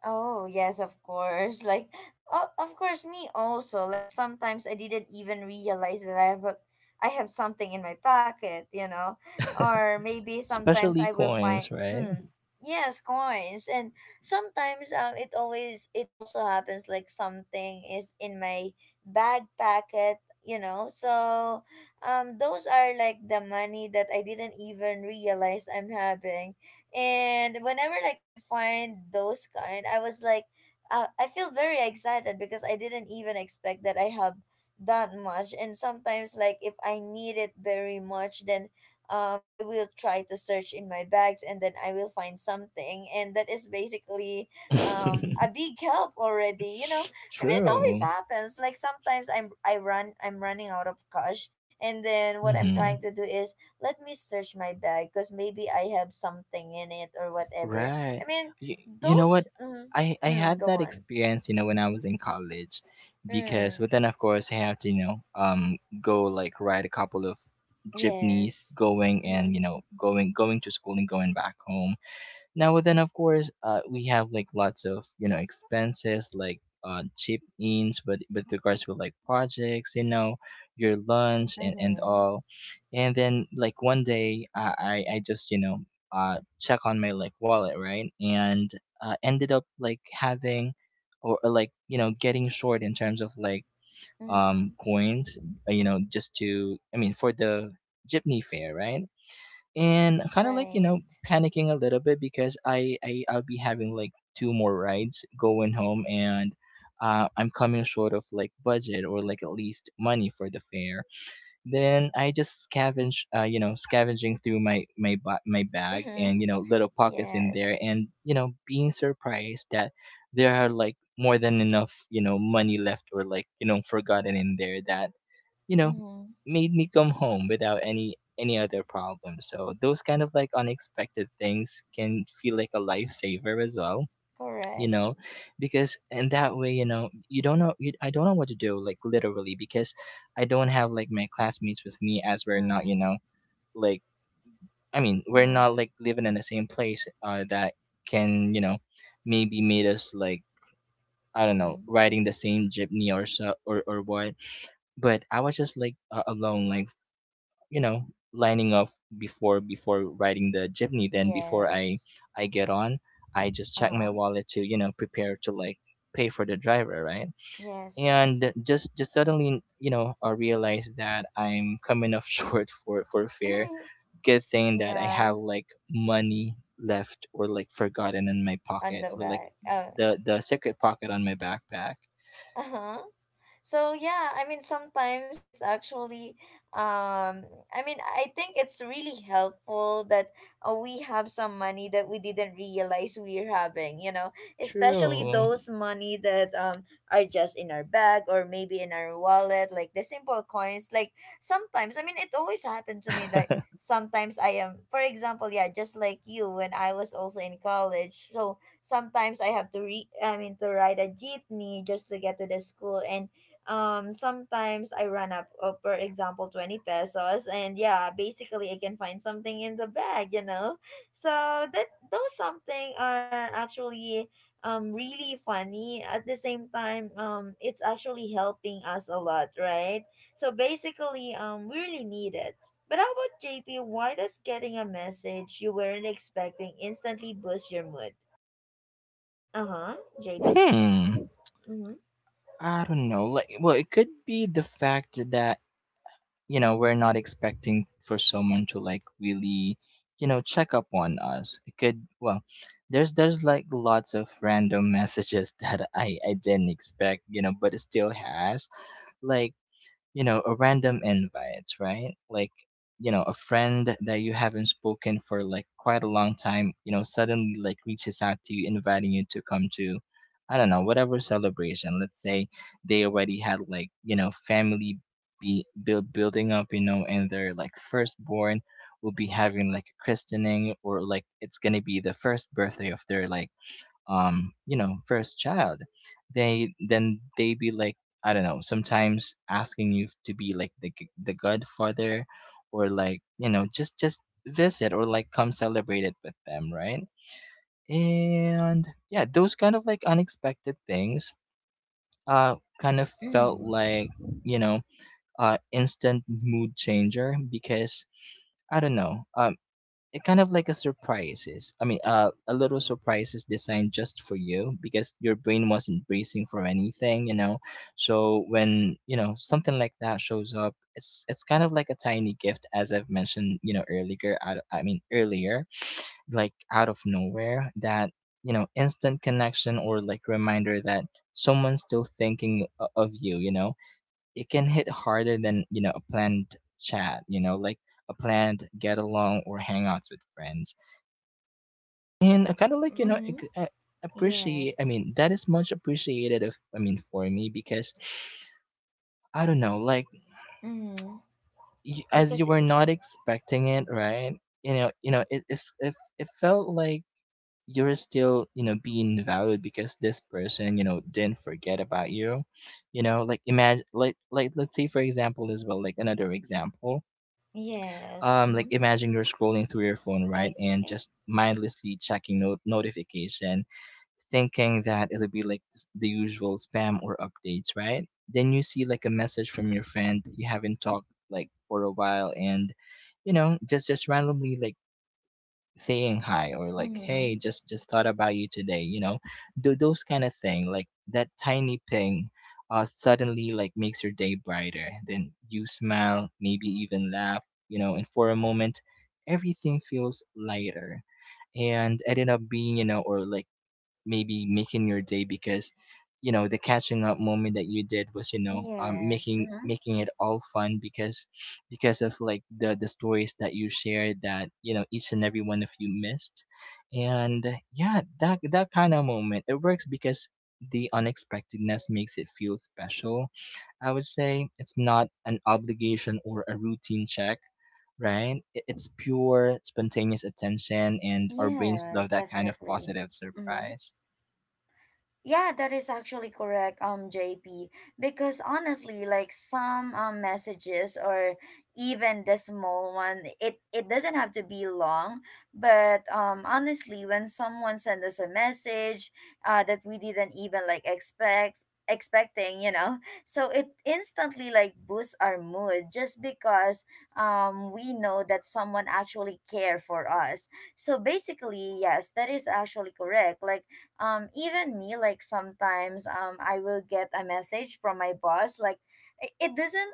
Oh, yes, of course. Like, oh, of course, me also. Like, sometimes I didn't even realize that I have, a, I have something in my pocket, you know? Or maybe sometimes Especially I will find, coins, right? hmm, yes, coins. And sometimes it also happens like something is in my bag pocket, you know? So, those are like the money that I didn't even realize I'm having. And whenever like I find those kind, I was like I feel very excited because I didn't even expect that I have that much. And sometimes like if I need it very much, then I will try to search in my bags and then I will find something, and that is basically a big help already, you know. I mean it always True. happens, like sometimes I'm running out of cash, and then what I'm trying to Hmm. do is let me search my bag because maybe I have something in it or whatever. Right. I mean, You know what? those. Mm, I mm, had go that on. experience, you know, when I was in college because Mm, but then of course I have to, you know, go like ride a couple of jeepneys yes. going and, Mm-hmm. you know, going to school and going back home. Now then, of course, we have like lots of you know expenses like chip ins, but with regards to like projects, you know, your lunch and Mm-hmm. all, and then like one day I just check on my like wallet, right? And ended up like having or, or getting short in terms of like Mm-hmm. coins, you know, just to, I mean, for the jeepney fare, right? And kind of like Right. panicking a little bit because I'll be having like two more rides going home and I'm coming short of like budget or like at least money for the fare. Then I just scavenge, scavenging through my bag and Mm-hmm. Little pockets in there, Yes. and being surprised that there are like more than enough money left or like forgotten in there that you know Mm-hmm. made me come home without any other problem, so those kind of like unexpected things can feel like a lifesaver as well, you Correct. know because in that way, you don't know. I don't know what to do, like, literally, because I don't have like my classmates with me as we're not, Mm-hmm. Like I mean, we're Mm-hmm. not like living in the same place that can, maybe made us like, I don't know, Mm-hmm. riding the same jeepney or so, or what. But I was just like alone, like, you know lining up before riding the jeepney, then before i Yes. i get on, I just Uh check my huh. wallet to prepare to like pay for the driver, right? Yes. Yes. And just suddenly, I realize that I'm coming up short for fare. Good thing that I Yeah. have like money left or like forgotten in my On pocket the or like back. Uh the secret pocket on my backpack. huh. So yeah, I mean sometimes it's actually um I mean I think it's really helpful that we have some money that we didn't realize we're having, you know, especially True. those money that are just in our bag or maybe in our wallet, like the simple coins. Like sometimes, I mean it always happened to me that sometimes I am, for example, yeah, just like you, when I was also in college. So sometimes I have to re I mean to ride a jeepney just to get to the school. And sometimes I run up for example 20 pesos, and yeah basically I can find something in the bag, you know. So that those something are actually really funny. At the same time it's actually helping us a lot, right? So basically we really need it. But how about, JP, why does getting a message you weren't expecting instantly boost your mood? Uh-huh. JP. hmm Mm-hmm. I don't know. Like, well, it could be the fact that, we're not expecting for someone to like really, check up on us. It could, well, there's like lots of random messages that I didn't expect, but it still has. Like, a random invite, right? Like, a friend that you haven't spoken for like quite a long time, suddenly like reaches out to you, inviting you to come to, I don't know, whatever celebration. Let's say they already had like, family building up, and their like firstborn will be having like a christening, or like it's gonna be the first birthday of their like first child. They then they be like, I don't know, sometimes asking you to be like the godfather, or like just visit or like come celebrate it with them, right? And yeah, those kind of like unexpected things uh kind of felt Mm-hmm. like, you know instant mood changer, because I don't know, it kind of like a surprises. I mean, a little surprises designed just for you because your brain wasn't bracing for anything, you know. So when something like that shows up, it's kind of like a tiny gift, as I've mentioned, you know, earlier. Out of, I mean, earlier, like out of nowhere, that, instant connection or like reminder that someone's still thinking of you. You know, it can hit harder than a planned chat. You know, like a planned get along or hangouts with friends. And I kinda like, Mm-hmm. ex a appreciate, I Yes. mean, that is much appreciated of, I mean, for me because, I don't know, like, Mm-hmm. y as you Because were it, not expecting it, right? You know, it, if it felt like you're still, you know, being valued because this person, you know, didn't forget about you. You know, like, imagine like, let's say, for example, as well, like, another example, yes, like, mm-hmm. imagine you're scrolling through your phone, right, and Okay, just mindlessly checking no notification, thinking that it'll be like the usual spam or updates, right? Then you see like a message from your friend you haven't talked like for a while, and just randomly like saying hi, or like, hey, mm-hmm. just thought about you today, you know. Do those kind of thing, like that tiny ping suddenly like makes your day brighter. Then you smile, maybe even laugh, you know, and for a moment everything feels lighter and ended up being, or like maybe making your day because the catching up moment that you did was, Yes, making mm-hmm. making it all fun, because of like the stories that you shared, that each and every one of you missed. And yeah, that kind of moment, it works because the unexpectedness makes it feel special. I would say it's not an obligation or a routine check, right? I- It's pure spontaneous attention, and our brains love Yes, that kind of definitely. positive Mm-hmm. surprise. Yeah, that is actually correct, JP. Because honestly, like some messages or even the small one, it doesn't have to be long. But honestly, when someone sends us a message that we didn't even like expecting, you know, so it instantly like boosts our mood just because we know that someone actually care for us. So basically, yes, that is actually correct. Like even me, like sometimes I will get a message from my boss, like it doesn't,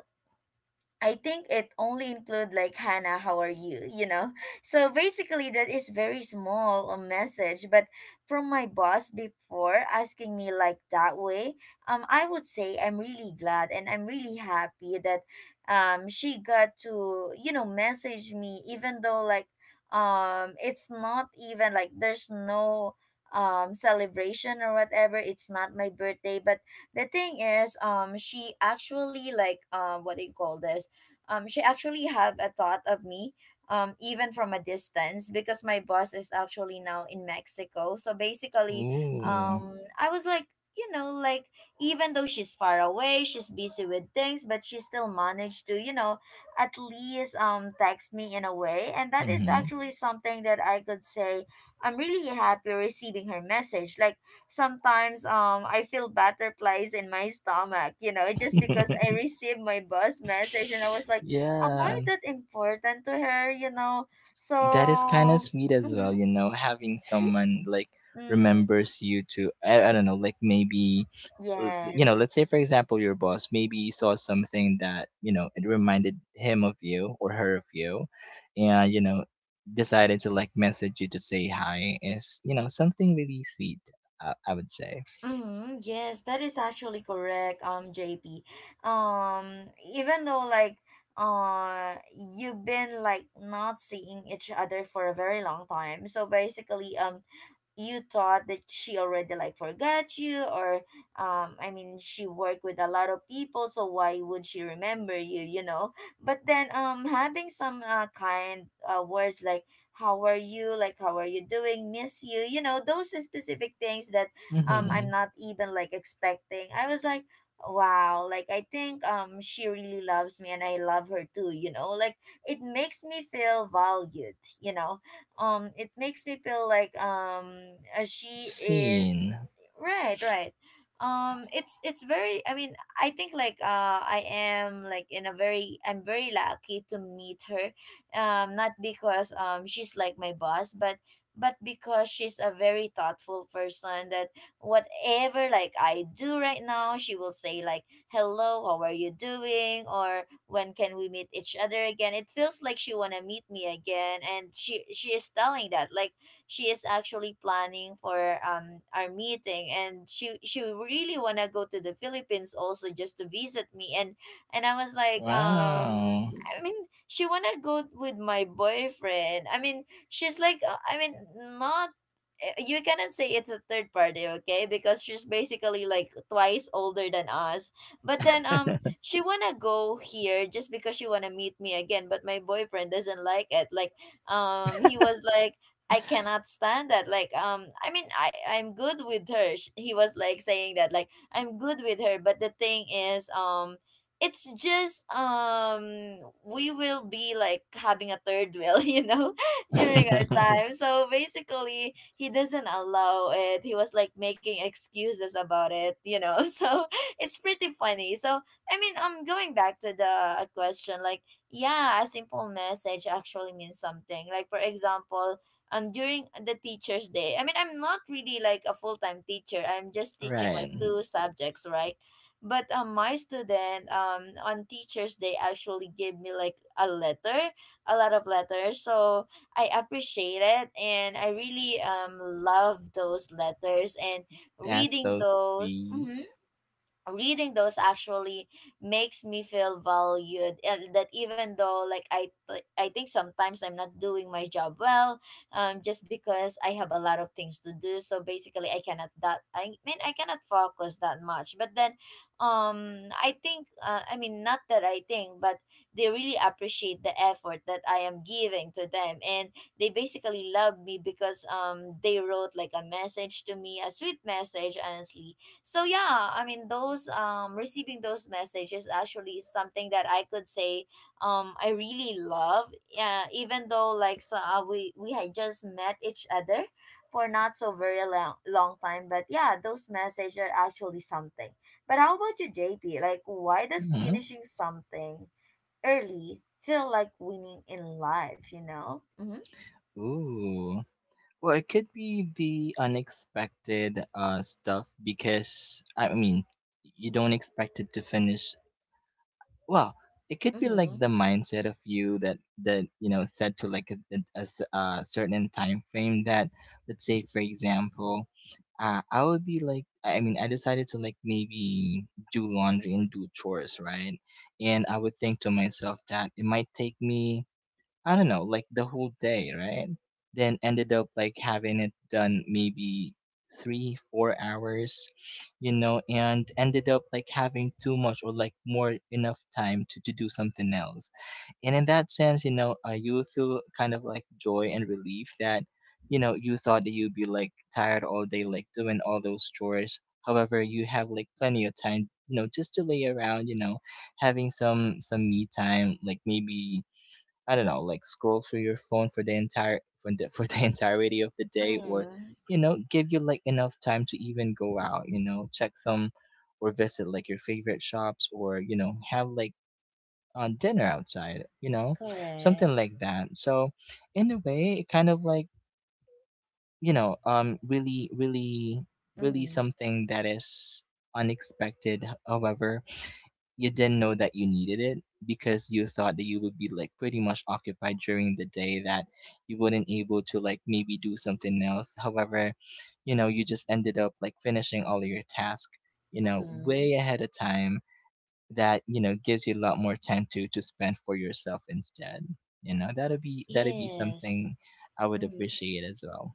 I think it only include like, Hannah, how are you? You know, so basically that is very small a message. But from my boss, before asking me like that way, I would say I'm really glad and I'm really happy that, she got to you know message me, even though like, it's not even like there's no celebration or whatever, it's not my birthday, but the thing is she actually like what do you call this, she actually have a thought of me, even from a distance, because my boss is actually now in Mexico. So basically Ooh. I was like, you know, like, even though she's far away, she's busy with things, but she still managed to you know at least text me in a way. And that is Mhm. actually something that I could say I'm really happy receiving her message. Like sometimes I feel butterflies in my stomach, you know, just because I received my boss message, and I was like, am I Yeah, that important to her, you know? that is kind of So, sweet as well, mhm, you know, having she, someone like mm, remembers you to, I don't know, like, maybe, yes. let's say, for example, your boss maybe saw something that, you know, it reminded him of you or her of you, and, you know, decided to like message you to say hi is, you know, something really sweet, I would say. Mm-hmm, yes, that is actually correct, JP. Even though like you've been like not seeing each other for a very long time. So basically, you thought that she already like forgot you, or I mean she worked with a lot of people, so why would she remember you, you know? But then having some kind words like, how are you, like how are you doing, miss you, you know, those specific things that Mm-hmm. I'm not even like expecting. I was like, wow, like I think she really loves me and I love her too, you know. Like it makes me feel valued, you know. It makes me feel like she is Scene. Right, right. It's very. I mean, I think like I am like in a very. I'm very lucky to meet her. Not because she's like my boss, but because she's a very thoughtful person. That whatever like I do right now, she will say like, "Hello, how are you doing?" or "When can we meet each other again?" It feels like she wanna meet me again, and she is telling that like she is actually planning for our meeting, and she really want to go to the Philippines also just to visit me. And I was like Wow. I mean, she wanna go with my boyfriend. I mean, she's like, I mean, not you cannot say it's a third party, okay? Because she's basically like twice older than us. But then she wanna go here just because she wanna meet me again, but my boyfriend doesn't like it. Like he was like, I cannot stand that. Like, I'm good with her. He was like saying that, like, I'm good with her. But the thing is, it's just, we will be like having a third wheel, during our time. So basically, he doesn't allow it. He was like making excuses about it. So it's pretty funny. So I mean, going back to the question, like, yeah, a simple message actually means something. Like, for example, during the teacher's day, I mean, I'm not really like a full-time teacher. I'm just teaching like Right. two subjects, right? But my student, on teacher's day, actually gave me like a letter, a lot of letters. So I appreciate it, and I really love those letters and That's reading so those. Mhm. sweet. Reading those actually makes me feel valued, and that even though, like, I think sometimes I'm not doing my job well, just because I have a lot of things to do. So basically I cannot, that I mean, I cannot focus that much. But then I think, I mean, not that I think, but they really appreciate the effort that I am giving to them. And they basically love me because they wrote like a message to me, a sweet message, honestly. So yeah, I mean, those, receiving those messages, actually is something that I could say I really love. Yeah, even though, like, so we had just met each other for not so very long, long time, but yeah, those messages are actually something. But how about you, JP? Like, why does Hmm finishing something early feel like winning in life, you know? Mm-hmm. Ooh. Well, it could be the unexpected stuff, because I mean, you don't expect it to finish. Well, it could be like Mm-hmm. the mindset of you that set to like a certain time frame that, let's say, for example, I would be like, I mean I decided to like maybe do laundry and do chores, right? And I would think to myself that it might take me, I don't know, like the whole day, right? Then ended up like having it done maybe three, 4 hours, you know, and ended up like having too much or like more enough time to do something else. And in that sense, you know, you will feel kind of like joy and relief that, you thought that you'd be like tired all day, like doing all those chores. However, you have like plenty of time, you know, just to lay around, you know, having some me time, like maybe, I don't know, like scroll through your phone for the entire for the, for the entirety of the day, or Mm-hmm. Give you like enough time to even go out, check some or visit like your favorite shops, or have like on dinner outside, you know, Correct. something like that. So in a way, it kind of like, really, really, really Mm-hmm. something that is unexpected. However, you didn't know that you needed it because you thought that you would be like pretty much occupied during the day, that you wouldn't able to like maybe do something else. However, you just ended up like finishing all your task, Mm-hmm. way ahead of time, that gives you a lot more time to spend for yourself instead, that'd be Yes. something I would appreciate as well.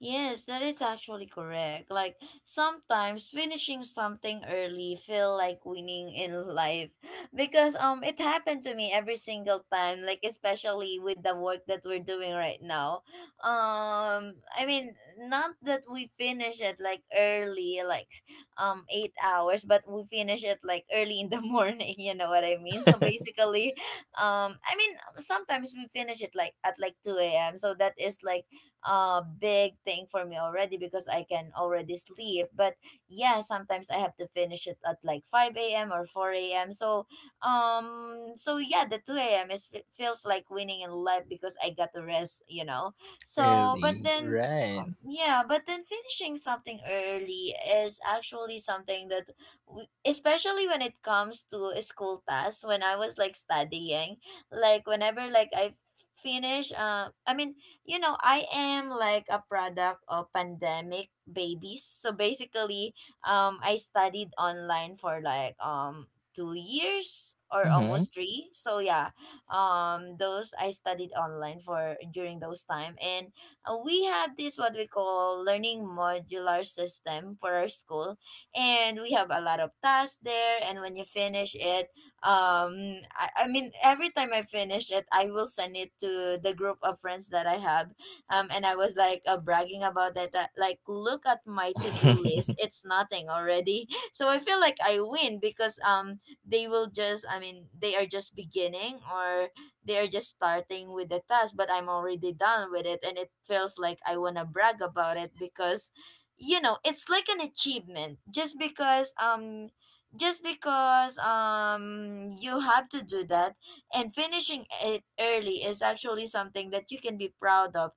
Yes, that is actually correct. Like, sometimes finishing something early feel like winning in life because it happened to me every single time, like, especially with the work that we're doing right now. I mean, not that we finish it like early, like 8 hours, but we finish it like early in the morning, you know what I mean? So basically, I mean, sometimes we finish it like at like 2 a.m., so that is like a big thing for me already because I can already sleep. But yeah, sometimes I have to finish it at like 5 a.m. or 4 a.m. So so yeah, the 2 a.m. is feels like winning in life because I got to rest, you know. So but Early, then. right? Yeah, but then finishing something early is actually something that, especially when it comes to school tasks, when I was like studying, like, whenever like I finish, I mean, you know, I am like a product of pandemic babies. So basically, I studied online for like 2 years, or Mm-hmm. almost three. So yeah, those, I studied online for during those time, and we have this what we call learning modular system for our school, and we have a lot of tasks there. And when you finish it, I mean, every time I finish it, I will send it to the group of friends that I have, and I was like, bragging about that, that like, look at my to-do list, it's nothing already. So I feel like I win because they will just, I mean, they are just beginning, or they are just starting with the task, but I'm already done with it, and it feels like I want to brag about it because, you know, it's like an achievement just because you have to do that, and finishing it early is actually something that you can be proud of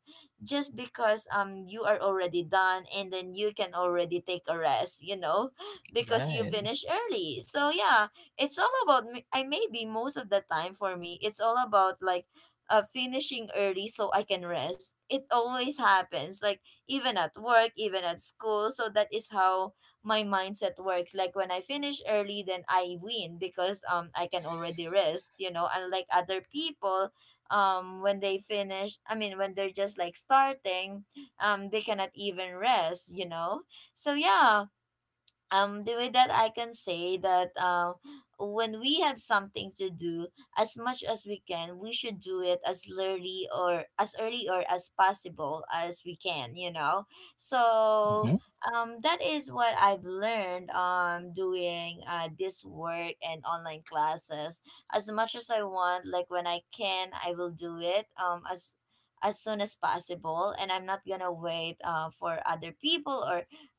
just because you are already done, and then you can already take a rest, you know. Because you Right. finish early, so yeah, it's all about me. I maybe most of the time, for me, it's all about, like, finishing early so I can rest. It always happens, like, even at work, even at school. So that is how my mindset works. Like, when I finish early, then I win because I can already rest. You know, unlike other people, when they finish, I mean, when they're just like starting, they cannot even rest. You know, so yeah, the way that I can say that, when we have something to do, as much as we can, we should do it as early or as possible as we can, you know. So Mm-hmm. That is what I've learned, doing this work and online classes. As much as I want, like, when I can, I will do it, as soon as possible, and I'm not gonna wait, for other people,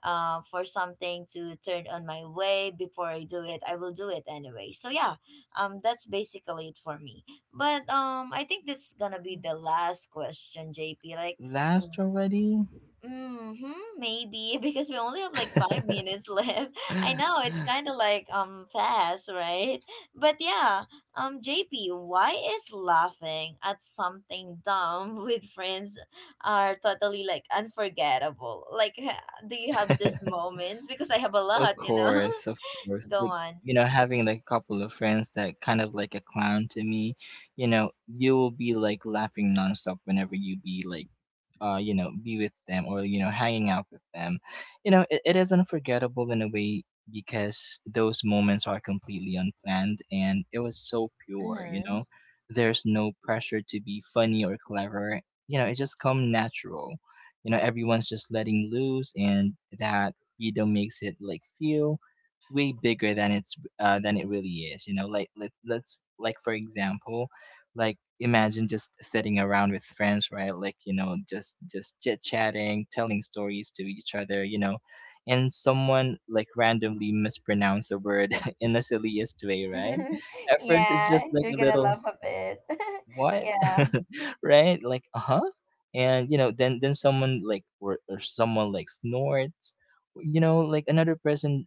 for something to turn on my way before I do it. I will do it anyway. So yeah, that's basically it for me. But I think this is gonna be the last question, JP. Like, Last already? Mm-hmm. Maybe, because we only have like five minutes left. I know it's kind of like fast, right? But yeah, JP, why is laughing at something dumb with friends are totally like unforgettable? Like, do you have these moments? Because I have a lot, Of you know. course, of course. Go Like, on. Having like a couple of friends that kind of like a clown to me, you know, you will be like laughing nonstop whenever you be like be with them, or, hanging out with them, It is unforgettable in a way, because those moments are completely unplanned and it was so pure, you Mm-hmm. know. There's no pressure to be funny or clever. It just come natural. Everyone's just letting loose, and that freedom makes it like feel way bigger than it's than it really is. Let let's, like, for example, like, imagine just sitting around with friends, right, like, just chit chatting, telling stories to each other, and someone like randomly mispronounce a word in the silliest way, right? At first, it's Yeah, just like you're a gonna little— laugh a bit. what? Yeah. Right. Like, uh-huh. And then someone like, or someone like snorts, like another person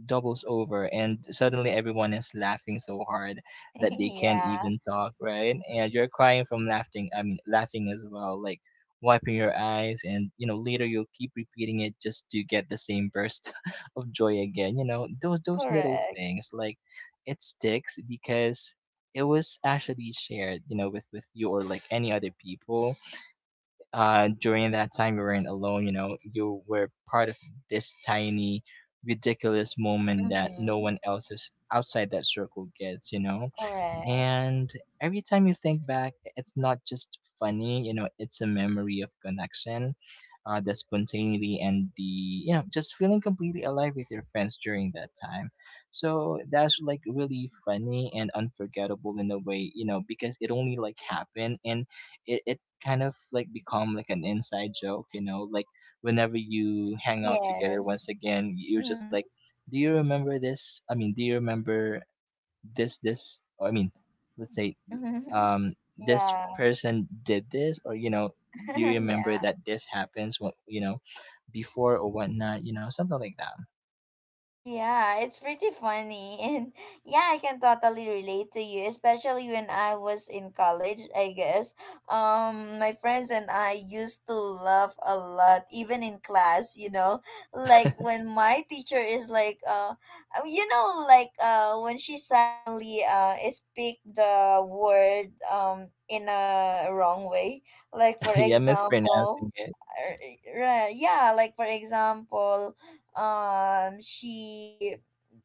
doubles over, and suddenly everyone is laughing so hard that they can't Yeah, even talk, right, and you're crying from laughing, I mean, laughing as well, like wiping your eyes, and later you'll keep repeating it just to get the same burst of joy again, those little correct. things, like it sticks because it was actually shared, with you or like any other people, during that time. You weren't alone, you were part of this tiny, ridiculous moment that no Mm-hmm. one else is outside that circle gets, you know. Correct. And every time you think back, it's not just funny, it's a memory of connection, the spontaneity, and the, you know, just feeling completely alive with your friends during that time. So that's like really funny and unforgettable in a way, because it only like happened, and it kind of like become like an inside joke, like whenever you hang out together once Yes. again, you're just Mm-hmm. like, do you remember this? I mean, do you remember this or, I mean, let's say, this Yeah. person did this, or do you remember Yeah. that this happens? What, before or whatnot, you know, something like that. Yeah, it's pretty funny. And yeah, I can totally relate to you, especially when I was in college, I guess. My friends and I used to laugh a lot even in class, you know. Like, when my teacher is like, you know, like when she suddenly speak the word in a wrong way. Like, for Yeah, mispronouncing example, it. Yeah, like, for example, she,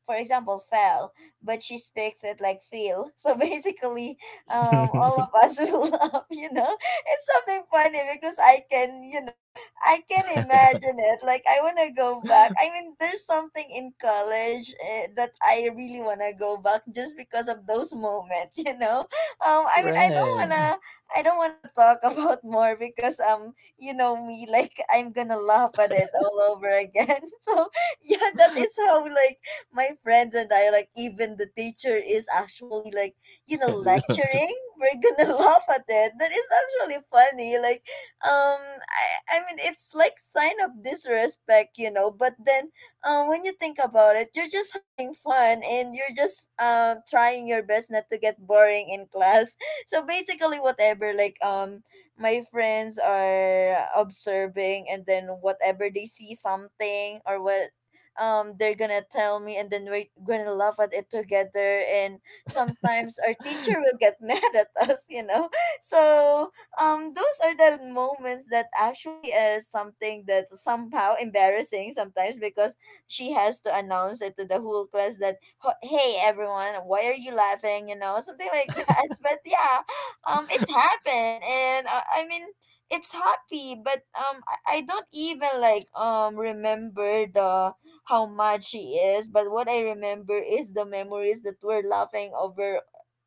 for example, fell, but she speaks it like feel. So basically, all of us will laugh, you know. It's something funny because I can, you know, I can imagine it. Like, I want to go back. I mean, there's something in college, that I really want to go back just because of those moments, you know. I mean, Right. I don't want to talk about more because, you know me, like, I'm gonna laugh at it all over again. So yeah, that is how, like, my friends and I, like, even the teacher is actually, like, you know, lecturing. We're gonna laugh at it. That is actually funny. Like, um I I mean, it's like sign of disrespect, you know, but then when you think about it, you're just having fun, and you're just trying your best not to get boring in class. So basically, whatever, like, my friends are observing, and then whatever, they see something or what, they're gonna tell me, and then we're gonna laugh at it together, and sometimes our teacher will get mad at us, you know. So those are the moments that actually is something that somehow embarrassing sometimes because she has to announce it to the whole class that, Hey, everyone, why are you laughing? You know, something like that." But yeah, it happened, and I mean, it's happy, but I don't even, like, remember the how much she is, but what I remember is the memories that we're laughing over,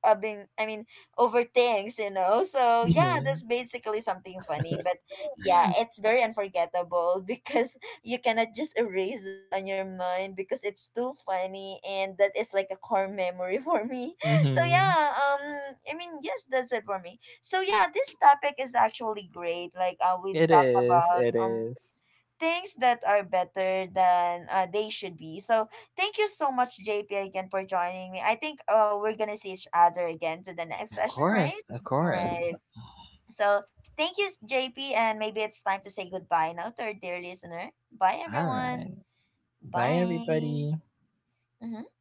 I mean, over things, you know. So yeah, Mm-hmm. that's basically something funny. But yeah, it's very unforgettable because you cannot just erase that on your mind because it's too funny, and that is like a core memory for me. So Mm-hmm. yeah, I mean, yes, that's it for me. So yeah, this topic is actually great. Like, we It talk is about it is things that are better than, they should be. So thank you so much, JP, again for joining me. I think we're gonna see each other again to the next Of session, right? course, of course. Right. So thank you, JP, and maybe it's time to say goodbye now to our dear listener. Bye, All everyone. right. Bye, Bye. everybody. Mm-hmm.